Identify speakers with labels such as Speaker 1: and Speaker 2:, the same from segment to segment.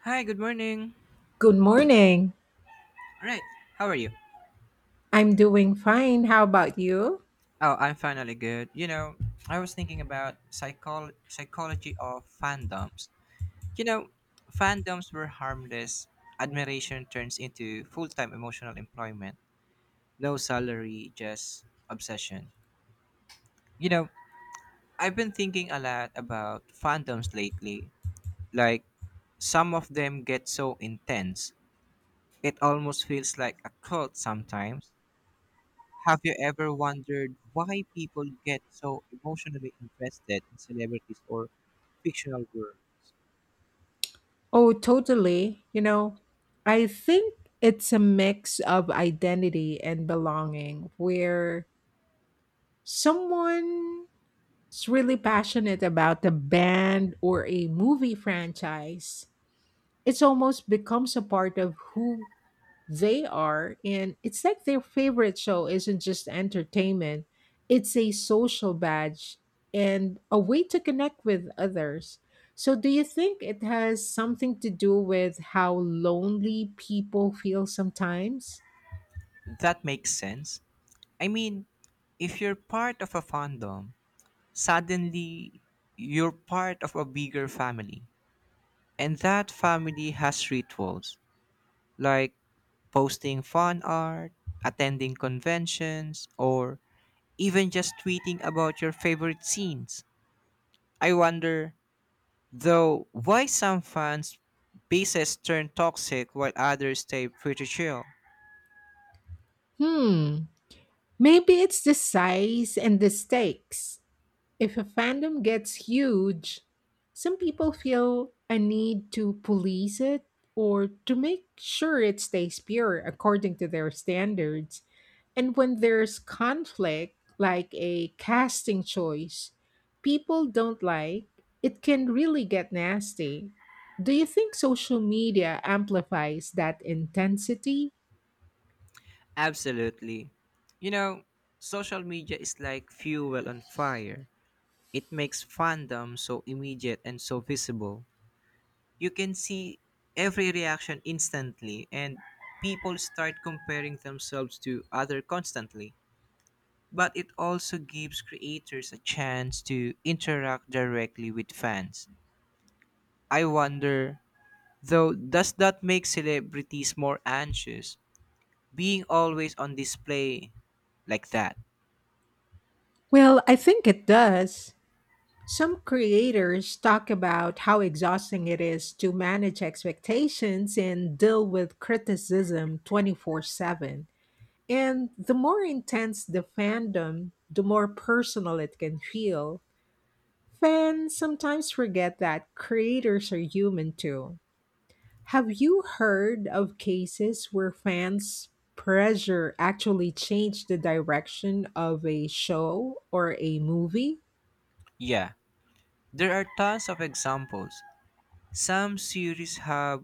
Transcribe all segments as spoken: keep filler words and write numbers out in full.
Speaker 1: Hi, good morning.
Speaker 2: Good morning.
Speaker 1: Right, how are you?
Speaker 2: I'm doing fine. How about you?
Speaker 1: Oh, I'm finally good. You know, I was thinking about psychol psychology of fandoms. You know, fandoms were harmless. Admiration turns into full-time emotional employment. No salary, just obsession. You know, I've been thinking a lot about fandoms lately. Like, some of them get so intense. It almost feels like a cult sometimes. Have you ever wondered why people get so emotionally invested in celebrities or fictional worlds?
Speaker 2: Oh, totally. You know, I think it's a mix of identity and belonging where someone's really passionate about a band or a movie franchise. It almost becomes a part of who they are, and it's like their favorite show isn't just entertainment, it's a social badge and a way to connect with others. So, do you think it has something to do with how lonely people feel sometimes?
Speaker 1: That makes sense. I mean, if you're part of a fandom, suddenly you're part of a bigger family. And that family has rituals like posting fan art, attending conventions, or even just tweeting about your favorite scenes. I wonder though why some fans' bases turn toxic while others stay pretty chill.
Speaker 2: Hmm, maybe it's the size and the stakes. If a fandom gets huge, some people feel a need to police it or to make sure it stays pure according to their standards. And when there's conflict, like a casting choice, people don't like, it can really get nasty. Do you think social media amplifies that intensity?
Speaker 1: Absolutely. You know, social media is like fuel on fire. It makes fandom so immediate and so visible. You can see every reaction instantly, and people start comparing themselves to other constantly. But it also gives creators a chance to interact directly with fans. I wonder though, does that make celebrities more anxious? Being always on display like that?
Speaker 2: Well, I think it does. Some creators talk about how exhausting it is to manage expectations and deal with criticism twenty-four seven. And the more intense the fandom, the more personal it can feel. Fans sometimes forget that creators are human too. Have you heard of cases where fans' pressure actually changed the direction of a show or a movie?
Speaker 1: Yeah, there are tons of examples. Some series have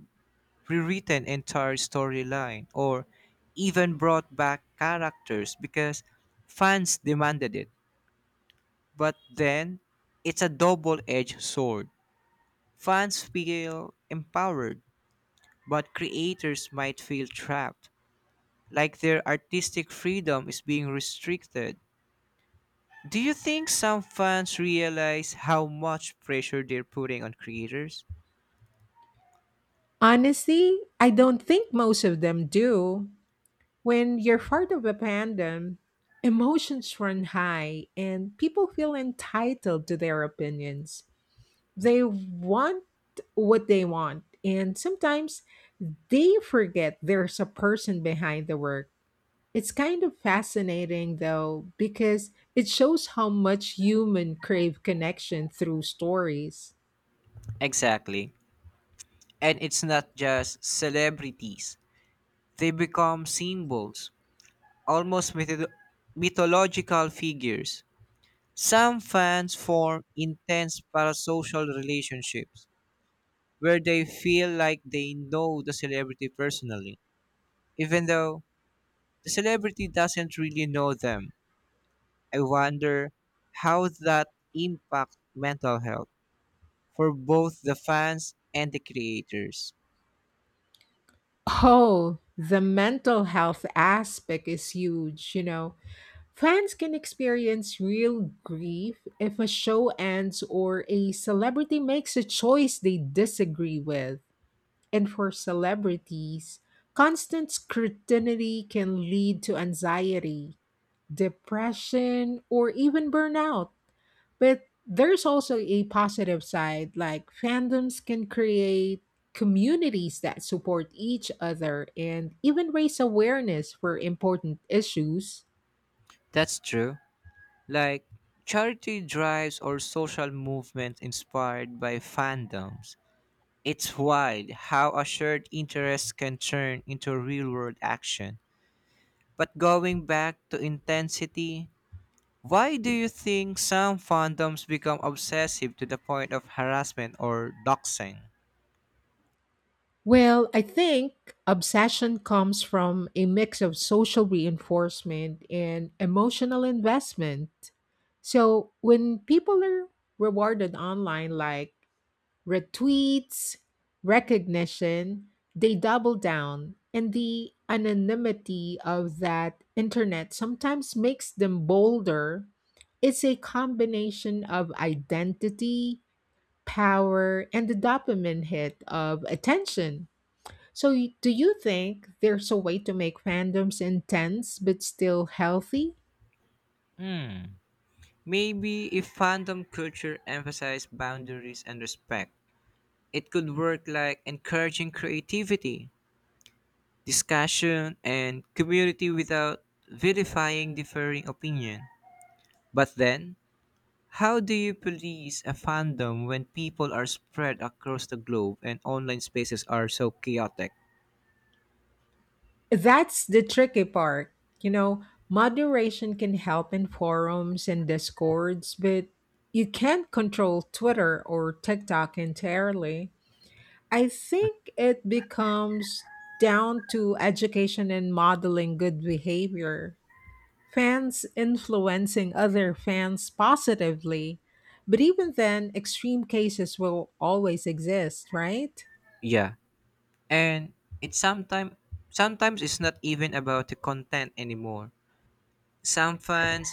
Speaker 1: rewritten entire storyline or even brought back characters because fans demanded it. But then, it's a double-edged sword. Fans feel empowered, but creators might feel trapped, like their artistic freedom is being restricted. Do you think some fans realize how much pressure they're putting on creators?
Speaker 2: Honestly, I don't think most of them do. When you're part of a fandom, emotions run high and people feel entitled to their opinions. They want what they want, and sometimes they forget there's a person behind the work. It's kind of fascinating though, because it shows how much human crave connection through stories.
Speaker 1: Exactly. And it's not just celebrities, they become symbols, almost mytho- mythological figures. Some fans form intense parasocial relationships where they feel like they know the celebrity personally, even though the celebrity doesn't really know them. I wonder how that impacts mental health for both the fans and the creators.
Speaker 2: Oh, the mental health aspect is huge, you know. Fans can experience real grief if a show ends or a celebrity makes a choice they disagree with. And for celebrities, constant scrutiny can lead to anxiety, depression, or even burnout. But there's also a positive side, like fandoms can create communities that support each other and even raise awareness for important issues.
Speaker 1: That's true. Like, charity drives or social movements inspired by fandoms. It's wild how a shared interest can turn into real world action. But going back to intensity, why do you think some fandoms become obsessive to the point of harassment or doxing?
Speaker 2: Well, I think obsession comes from a mix of social reinforcement and emotional investment. So when people are rewarded online, like retweets, recognition, they double down. And the anonymity of that internet sometimes makes them bolder. It's a combination of identity, power, and the dopamine hit of attention. So, y- do you think there's a way to make fandoms intense but still healthy?
Speaker 1: Hmm. Maybe if fandom culture emphasized boundaries and respect, it could work like encouraging creativity, discussion, and community without vilifying differing opinion. But then, how do you police a fandom when people are spread across the globe and online spaces are so chaotic?
Speaker 2: That's the tricky part. You know, moderation can help in forums and discords, but you can't control Twitter or TikTok entirely. I think it becomes down to education and modeling good behavior, fans influencing other fans positively. But even then, extreme cases will always exist, right?
Speaker 1: Yeah. And it's sometimes sometimes it's not even about the content anymore. Some fans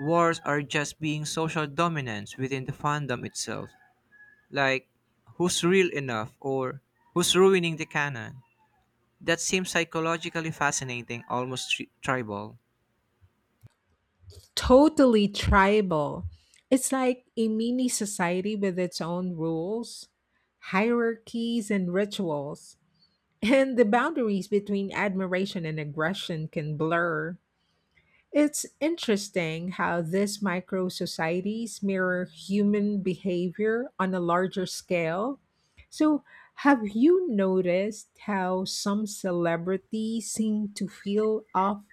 Speaker 1: wars are just being social dominance within the fandom itself. Like who's real enough or who's ruining the canon. That seems psychologically fascinating, almost tri- tribal.
Speaker 2: Totally tribal. It's like a mini society with its own rules, hierarchies, and rituals. And the boundaries between admiration and aggression can blur. It's interesting how these micro societies mirror human behavior on a larger scale. So, have you noticed how some celebrities seem to feel off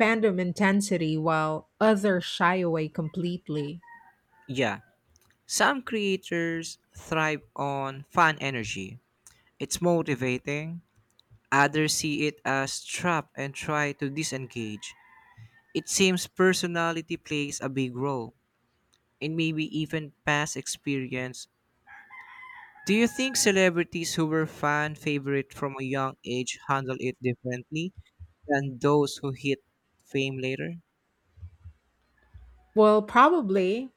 Speaker 2: fandom intensity while others shy away completely?
Speaker 1: Yeah, some creators thrive on fan energy. It's motivating. Others see it as trap and try to disengage. It seems personality plays a big role, and maybe even past experience. Do you think celebrities who were fan favorite from a young age handle it differently than those who hit fame later?
Speaker 2: Well, probably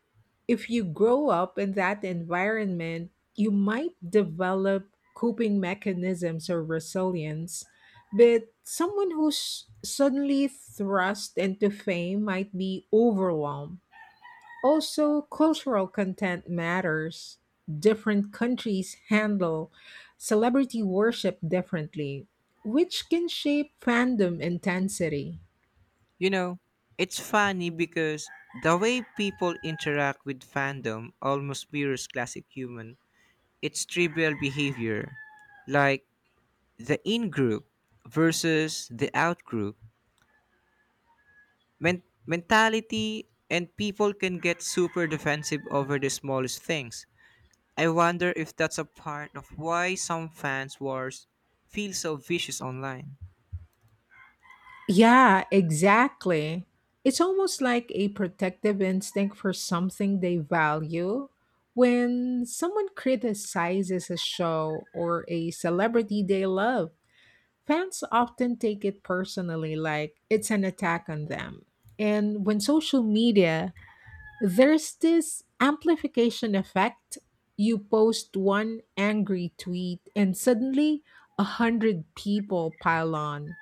Speaker 2: if you grow up in that environment, you might develop coping mechanisms or resilience. But someone who's suddenly thrust into fame might be overwhelmed. Also, cultural content matters. Different countries handle celebrity worship differently, which can shape fandom intensity.
Speaker 1: You know, it's funny because the way people interact with fandom almost mirrors classic human. It's trivial behavior, like the in group versus the out group Men- mentality, and people can get super defensive over the smallest things. I wonder if that's a part of why some fans' wars feel so vicious online.
Speaker 2: Yeah, exactly. It's almost like a protective instinct for something they value. When someone criticizes a show or a celebrity they love, fans often take it personally, like it's an attack on them. And when social media, there's this amplification effect. You post one angry tweet, and suddenly a hundred people pile on.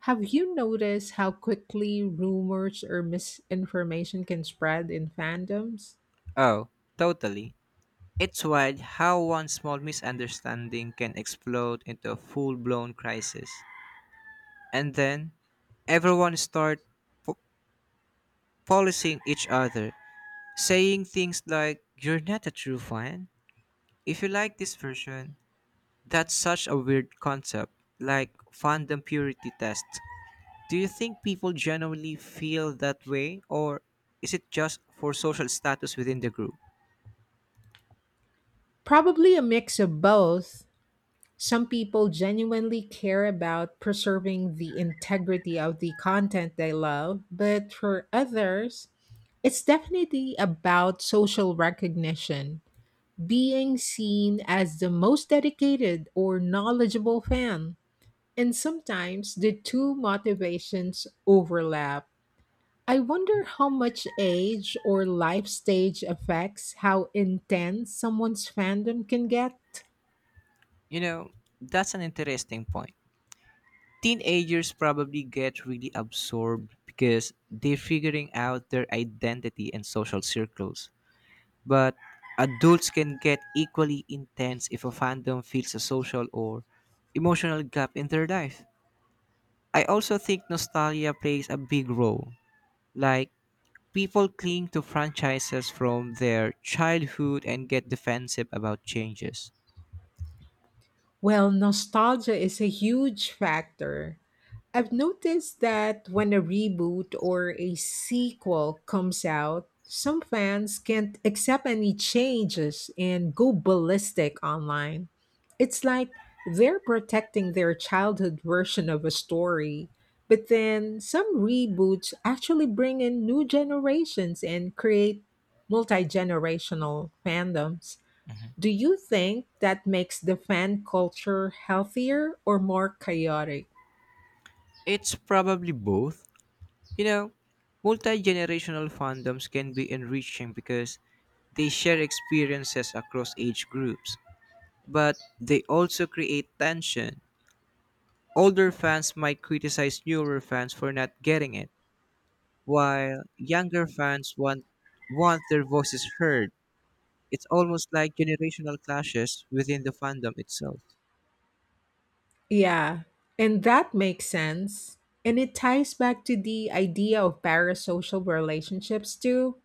Speaker 2: Have you noticed how quickly rumors or misinformation can spread in fandoms?
Speaker 1: Oh, totally. It's wild how one small misunderstanding can explode into a full-blown crisis. And then everyone start po- policing each other, saying things like you're not a true fan. If you like this version, that's such a weird concept, like fandom purity test. Do you think people genuinely feel that way or is it just for social status within the group?
Speaker 2: Probably a mix of both. Some people genuinely care about preserving the integrity of the content they love, but for others, it's definitely about social recognition, being seen as the most dedicated or knowledgeable fan. And sometimes the two motivations overlap. I wonder how much age or life stage affects how intense someone's fandom can get.
Speaker 1: You know, that's an interesting point. Teenagers probably get really absorbed because they're figuring out their identity and social circles. But adults can get equally intense if a fandom fills a social or emotional gap in their life. I also think nostalgia plays a big role. Like, people cling to franchises from their childhood and get defensive about changes.
Speaker 2: Well, nostalgia is a huge factor. I've noticed that when a reboot or a sequel comes out, some fans can't accept any changes and go ballistic online. It's like they're protecting their childhood version of a story. But then some reboots actually bring in new generations and create multi generational fandoms.
Speaker 1: Mhm.
Speaker 2: Do you think that makes the fan culture healthier or more chaotic?
Speaker 1: It's probably both. You know, multi generational fandoms can be enriching because they share experiences across age groups, but they also create tension. Older fans might criticize newer fans for not getting it, while younger fans want, want their voices heard. It's almost like generational clashes within the fandom itself.
Speaker 2: Yeah, and that makes sense. And it ties back to the idea of parasocial relationships too.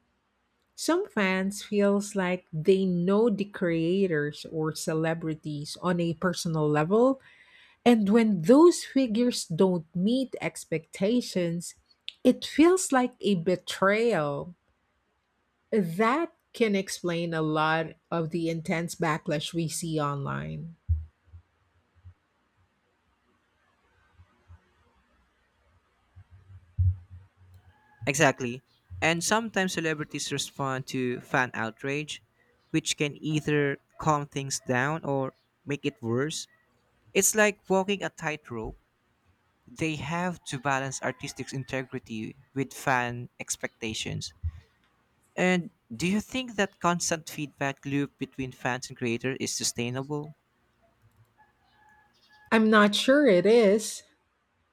Speaker 2: Some fans feels like they know the creators or celebrities on a personal level, and when those figures don't meet expectations, it feels like a betrayal. That can explain a lot of the intense backlash we see online.
Speaker 1: Exactly. And sometimes celebrities respond to fan outrage, which can either calm things down or make it worse. It's like walking a tightrope. They have to balance artistic integrity with fan expectations. And do you think that constant feedback loop between fans and creator is sustainable?
Speaker 2: I'm not sure it is,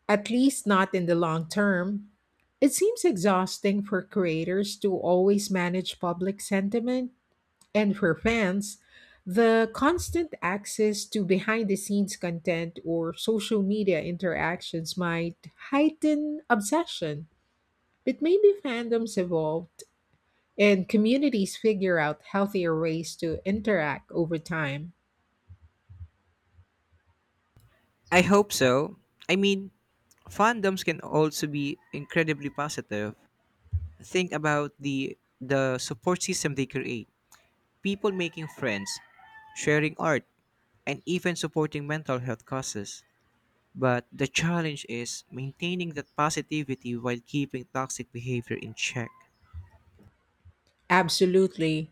Speaker 2: at least not in the long term. It seems exhausting for creators to always manage public sentiment. And for fans, the constant access to behind the scenes content or social media interactions might heighten obsession. But maybe fandoms evolved and communities figure out healthier ways to interact over time.
Speaker 1: I hope so. I mean, fandoms can also be incredibly positive. Think about the the support system they create. People making friends, sharing art, and even supporting mental health causes. But the challenge is maintaining that positivity while keeping toxic behavior in check.
Speaker 2: Absolutely.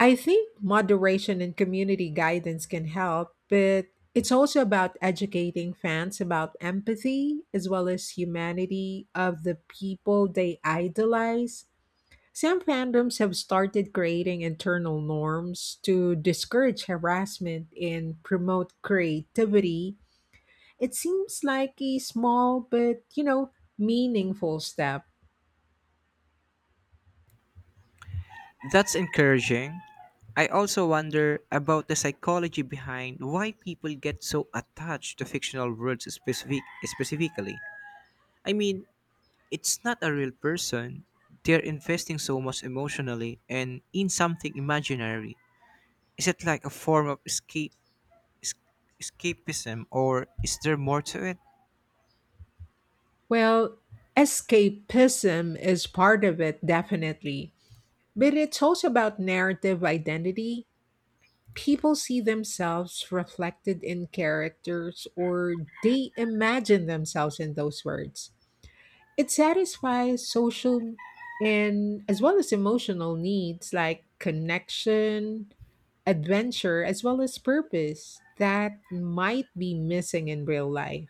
Speaker 2: I think moderation and community guidance can help, but it's also about educating fans about empathy as well as humanity of the people they idolize. Some fandoms have started creating internal norms to discourage harassment and promote creativity. It seems like a small but, you know, meaningful step.
Speaker 1: That's encouraging. I also wonder about the psychology behind why people get so attached to fictional worlds specific- specifically. I mean, it's not a real person. They're investing so much emotionally and in something imaginary. Is it like a form of escape es- escapism or is there more to it?
Speaker 2: Well, escapism is part of it, definitely. But it's also about narrative identity. People see themselves reflected in characters or they imagine themselves in those words. It satisfies social and as well as emotional needs like connection, adventure, as well as purpose that might be missing in real life.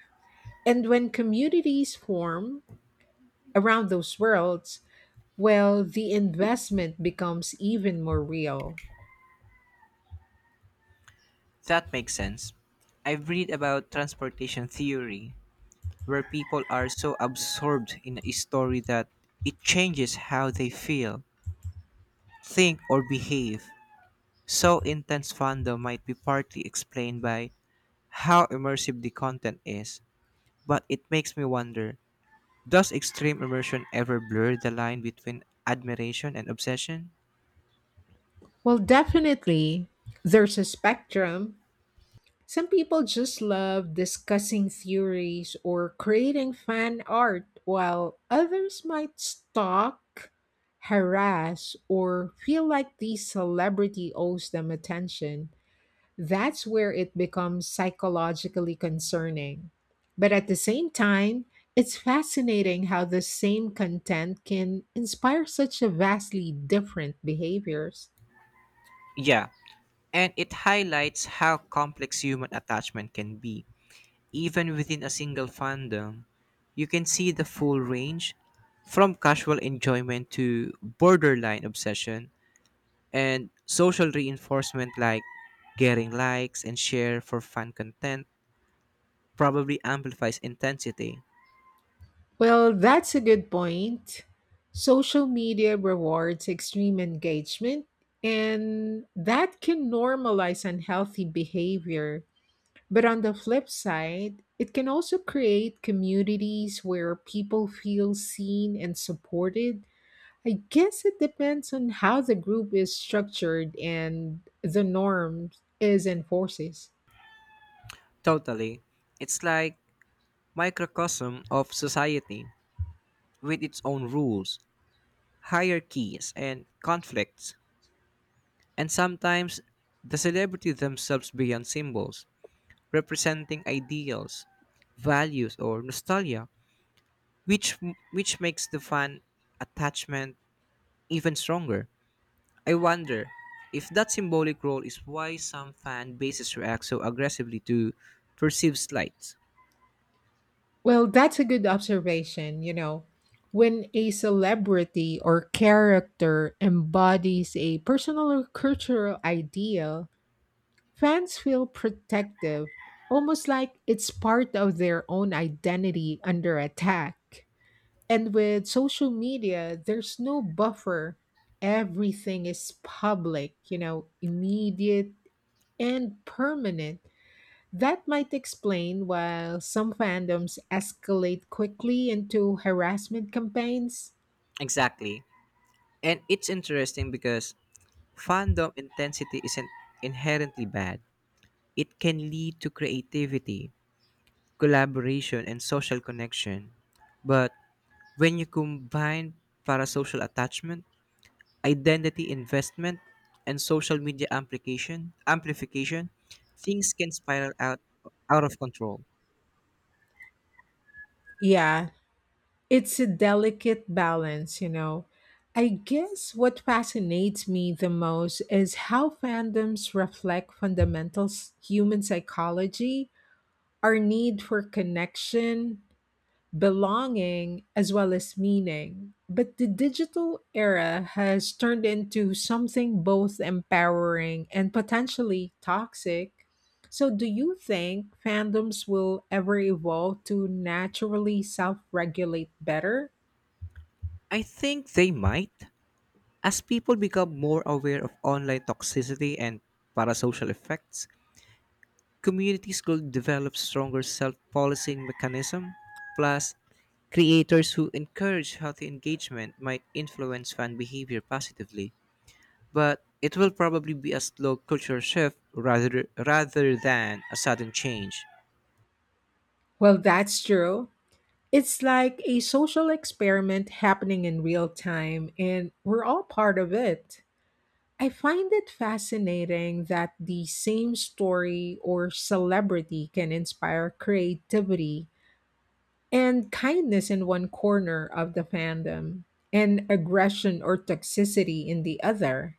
Speaker 2: And when communities form around those worlds, well, the investment becomes even more real.
Speaker 1: That makes sense. I've read about transportation theory, where people are so absorbed in a story that it changes how they feel, think, or behave. So intense fandom might be partly explained by how immersive the content is, but it makes me wonder, does extreme immersion ever blur the line between admiration and obsession?
Speaker 2: Well, definitely, there's a spectrum. Some people just love discussing theories or creating fan art, while others might stalk, harass, or feel like the celebrity owes them attention. That's where it becomes psychologically concerning. But at the same time, it's fascinating how the same content can inspire such a vastly different behaviors.
Speaker 1: Yeah, and it highlights how complex human attachment can be. Even within a single fandom, you can see the full range from casual enjoyment to borderline obsession, and social reinforcement like getting likes and share for fan content probably amplifies intensity.
Speaker 2: Well, that's a good point. Social media rewards extreme engagement, and that can normalize unhealthy behavior. But on the flip side, it can also create communities where people feel seen and supported. I guess it depends on how the group is structured and the norms is enforces.
Speaker 1: Totally. It's like microcosm of society with its own rules, hierarchies and conflicts. And sometimes the celebrity themselves beyond symbols, representing ideals, values, or nostalgia, which which makes the fan attachment even stronger. I wonder if that symbolic role is why some fan bases react so aggressively to perceived slights.
Speaker 2: Well, that's a good observation. You know, when a celebrity or character embodies a personal or cultural ideal, fans feel protective, almost like it's part of their own identity under attack. And with social media, there's no buffer. Everything is public, you know, immediate and permanent. That might explain why some fandoms escalate quickly into harassment campaigns.
Speaker 1: Exactly. And it's interesting because fandom intensity isn't inherently bad. It can lead to creativity, collaboration, and social connection. But when you combine parasocial attachment, identity investment, and social media amplification, amplification, things can spiral out out of control.
Speaker 2: Yeah, it's a delicate balance, you know. I guess what fascinates me the most is how fandoms reflect fundamental s- human psychology, our need for connection, belonging as well as meaning. But the digital era has turned into something both empowering and potentially toxic. So, do you think fandoms will ever evolve to naturally self regulate better?
Speaker 1: I think they might, as people become more aware of online toxicity and parasocial effects. Communities could develop stronger self-policing mechanism. Plus, creators who encourage healthy engagement might influence fan behavior positively, but it will probably be a slow cultural shift rather rather than a sudden change.
Speaker 2: Well, that's true. It's like a social experiment happening in real time, and we're all part of it. I find it fascinating that the same story or celebrity can inspire creativity and kindness in one corner of the fandom and aggression or toxicity in the other.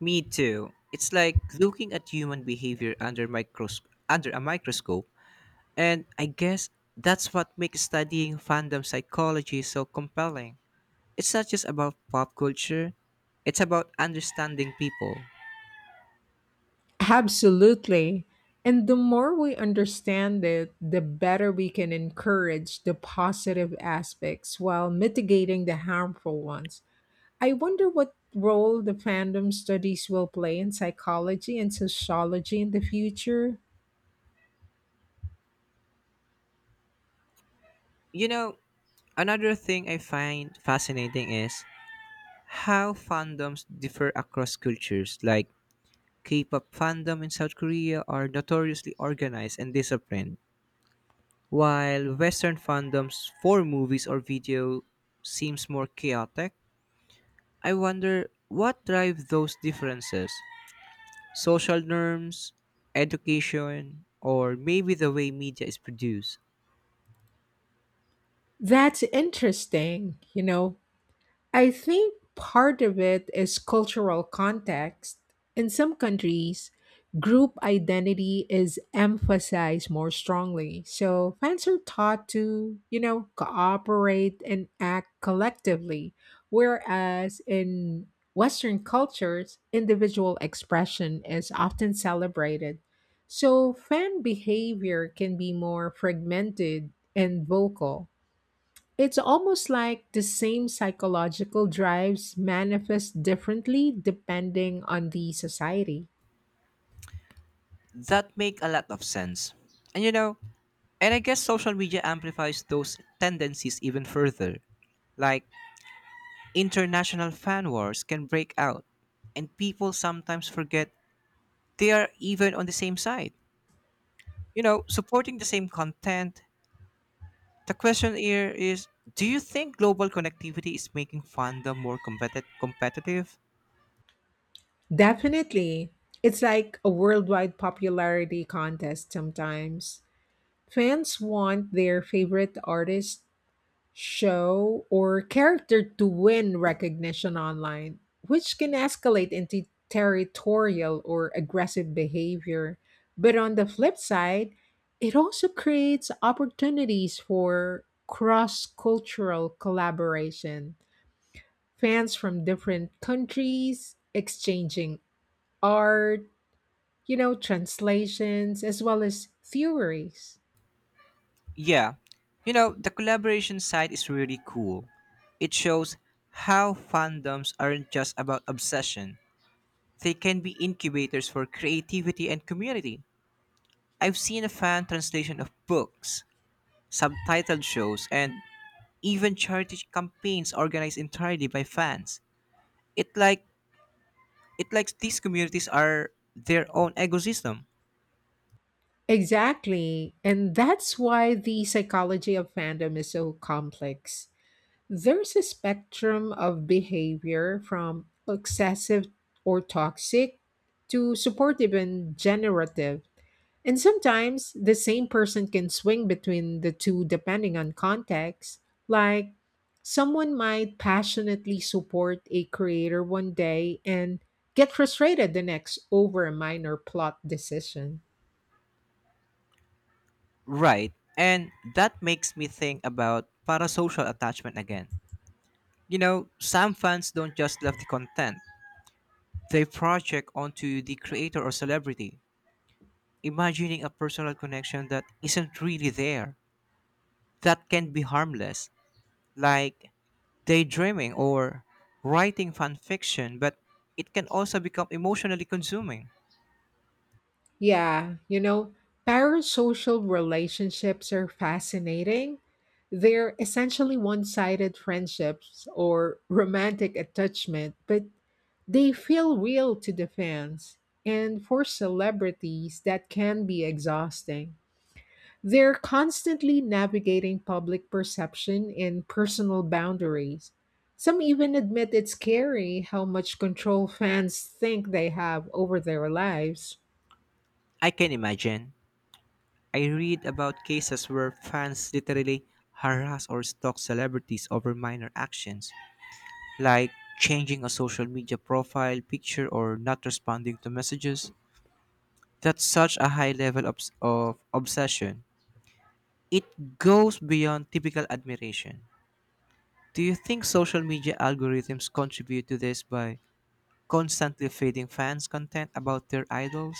Speaker 1: Me too. It's like looking at human behavior under micros- under a microscope, and I guess that's what makes studying fandom psychology so compelling. It's not just about pop culture, it's about understanding people.
Speaker 2: Absolutely. And the more we understand it, the better we can encourage the positive aspects while mitigating the harmful ones. I wonder what role the fandom studies will play in psychology and sociology in the future.
Speaker 1: You know, another thing I find fascinating is how fandoms differ across cultures. Like K-pop fandom in South Korea are notoriously organized and disciplined. While Western fandom's for movies or video seems more chaotic, I wonder what drive those differences? Social norms, education, or maybe the way media is produced.
Speaker 2: That's interesting, you know. I think part of it is cultural context. In some countries, group identity is emphasized more strongly. So fans are taught to, you know, cooperate and act collectively. Whereas in Western cultures, individual expression is often celebrated. So fan behavior can be more fragmented and vocal. It's almost like the same psychological drives manifest differently depending on the society.
Speaker 1: That make a lot of sense. And you know, and I guess social media amplifies those tendencies even further. Like international fan wars can break out, and people sometimes forget they are even on the same side, you know, supporting the same content. The question here is, do you think global connectivity is making fandom more competi- competitive?
Speaker 2: Definitely. It's like a worldwide popularity contest sometimes. Fans want their favorite artist show, or character to win recognition online, which can escalate into territorial or aggressive behavior. But on the flip side, it also creates opportunities for cross cultural collaboration, fans from different countries exchanging art, you know, translations, as well as theories.
Speaker 1: Yeah. You know, the collaboration side is really cool. It shows how fandoms aren't just about obsession, they can be incubators for creativity and community. I've seen a fan translation of books, subtitled shows, and even charity campaigns organized entirely by fans. It like It likes these communities are their own ecosystem.
Speaker 2: Exactly. And that's why the psychology of fandom is so complex. There's a spectrum of behavior from excessive or toxic to supportive and generative. And sometimes the same person can swing between the two depending on context. Like someone might passionately support a creator one day and get frustrated the next over a minor plot decision.
Speaker 1: Right. And that makes me think about parasocial attachment again. You know, some fans don't just love the content, they project onto the creator or celebrity, imagining a personal connection that isn't really there. That can be harmless, like daydreaming or writing fan fiction, but it can also become emotionally consuming.
Speaker 2: Yeah, you know, parasocial relationships are fascinating. They're essentially one sided friendships or romantic attachment, but they feel real to the fans. And for celebrities, that can be exhausting. They're constantly navigating public perception and personal boundaries. Some even admit it's scary how much control fans think they have over their lives.
Speaker 1: I can imagine. I read about cases where fans literally harass or stalk celebrities over minor actions, like changing a social media profile picture or not responding to messages. That's such a high level obs- of obsession. It goes beyond typical admiration. Do you think social media algorithms contribute to this by constantly feeding fans content about their idols?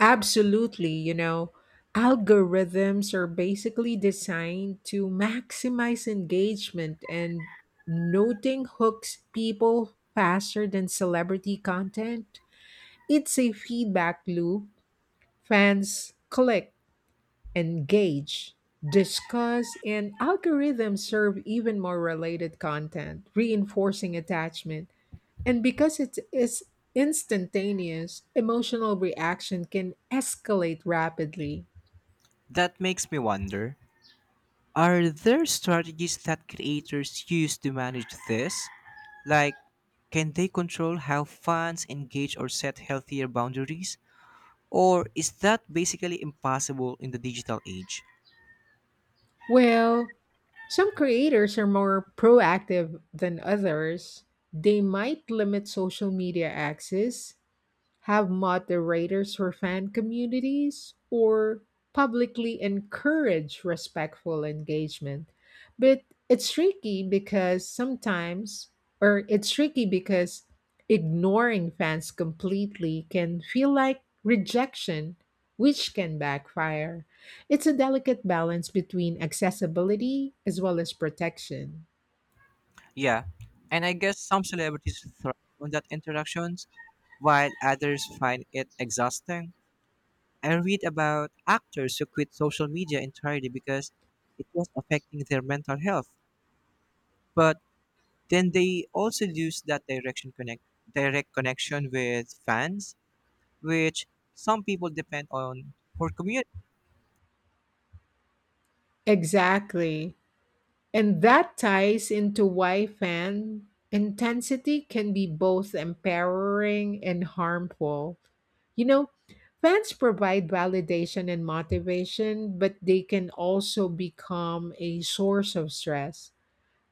Speaker 2: Absolutely, you know, algorithms are basically designed to maximize engagement and noting hooks people faster than celebrity content. It's a feedback loop. Fans click, engage, discuss, and algorithms serve even more related content, reinforcing attachment. And because it is instantaneous, emotional reaction can escalate rapidly.
Speaker 1: That makes me wonder. Are there strategies that creators use to manage this? Like, can they control how fans engage or set healthier boundaries? Or is that basically impossible in the digital age?
Speaker 2: Well, some creators are more proactive than others. They might limit social media access, have moderators or fan communities, or publicly encourage respectful engagement. But it's tricky because sometimes, or it's tricky because ignoring fans completely can feel like rejection, which can backfire. It's a delicate balance between accessibility as well as protection.
Speaker 1: Yeah, and I guess some celebrities thrive on that interactions, while others find it exhausting. I read about actors who quit social media entirely because it was affecting their mental health. But then they also lose that direction connect direct connection with fans, which some people depend on for community.
Speaker 2: Exactly. And that ties into why fan intensity can be both empowering and harmful. You know, fans provide validation and motivation, but they can also become a source of stress.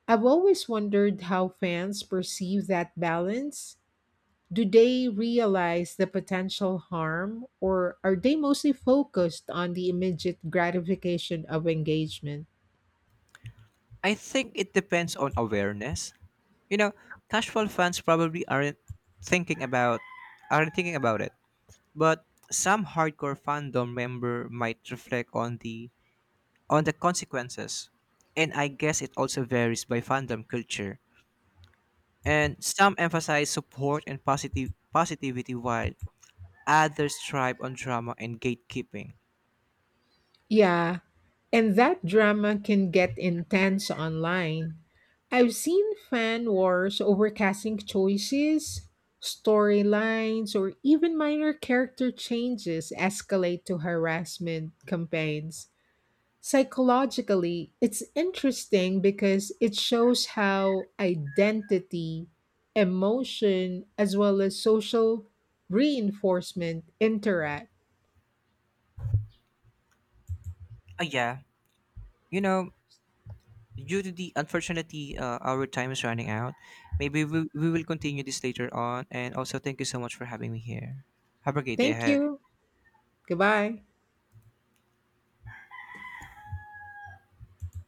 Speaker 2: I've always wondered how fans perceive that balance. Do they realize the potential harm, or are they mostly focused on the immediate gratification of engagement?
Speaker 1: I think it depends on awareness. You know, casual fans probably aren't thinking about aren't thinking about it. But some hardcore fandom member might reflect on the on the consequences. And I guess it also varies by fandom culture. And some emphasize support and positive positivity while others thrive on drama and gatekeeping.
Speaker 2: Yeah, and that drama can get intense online. I've seen fan wars over casting choices, storylines, or even minor character changes escalate to harassment campaigns. Psychologically, it's interesting because it shows how identity, emotion, as well as social reinforcement interact.
Speaker 1: Ah yeah. You know, due to the unfortunately uh, our time is running out. Maybe we, we will continue this later on, and also thank you so much for having me here. Have a great day
Speaker 2: Thank
Speaker 1: ahead.
Speaker 2: you. Goodbye.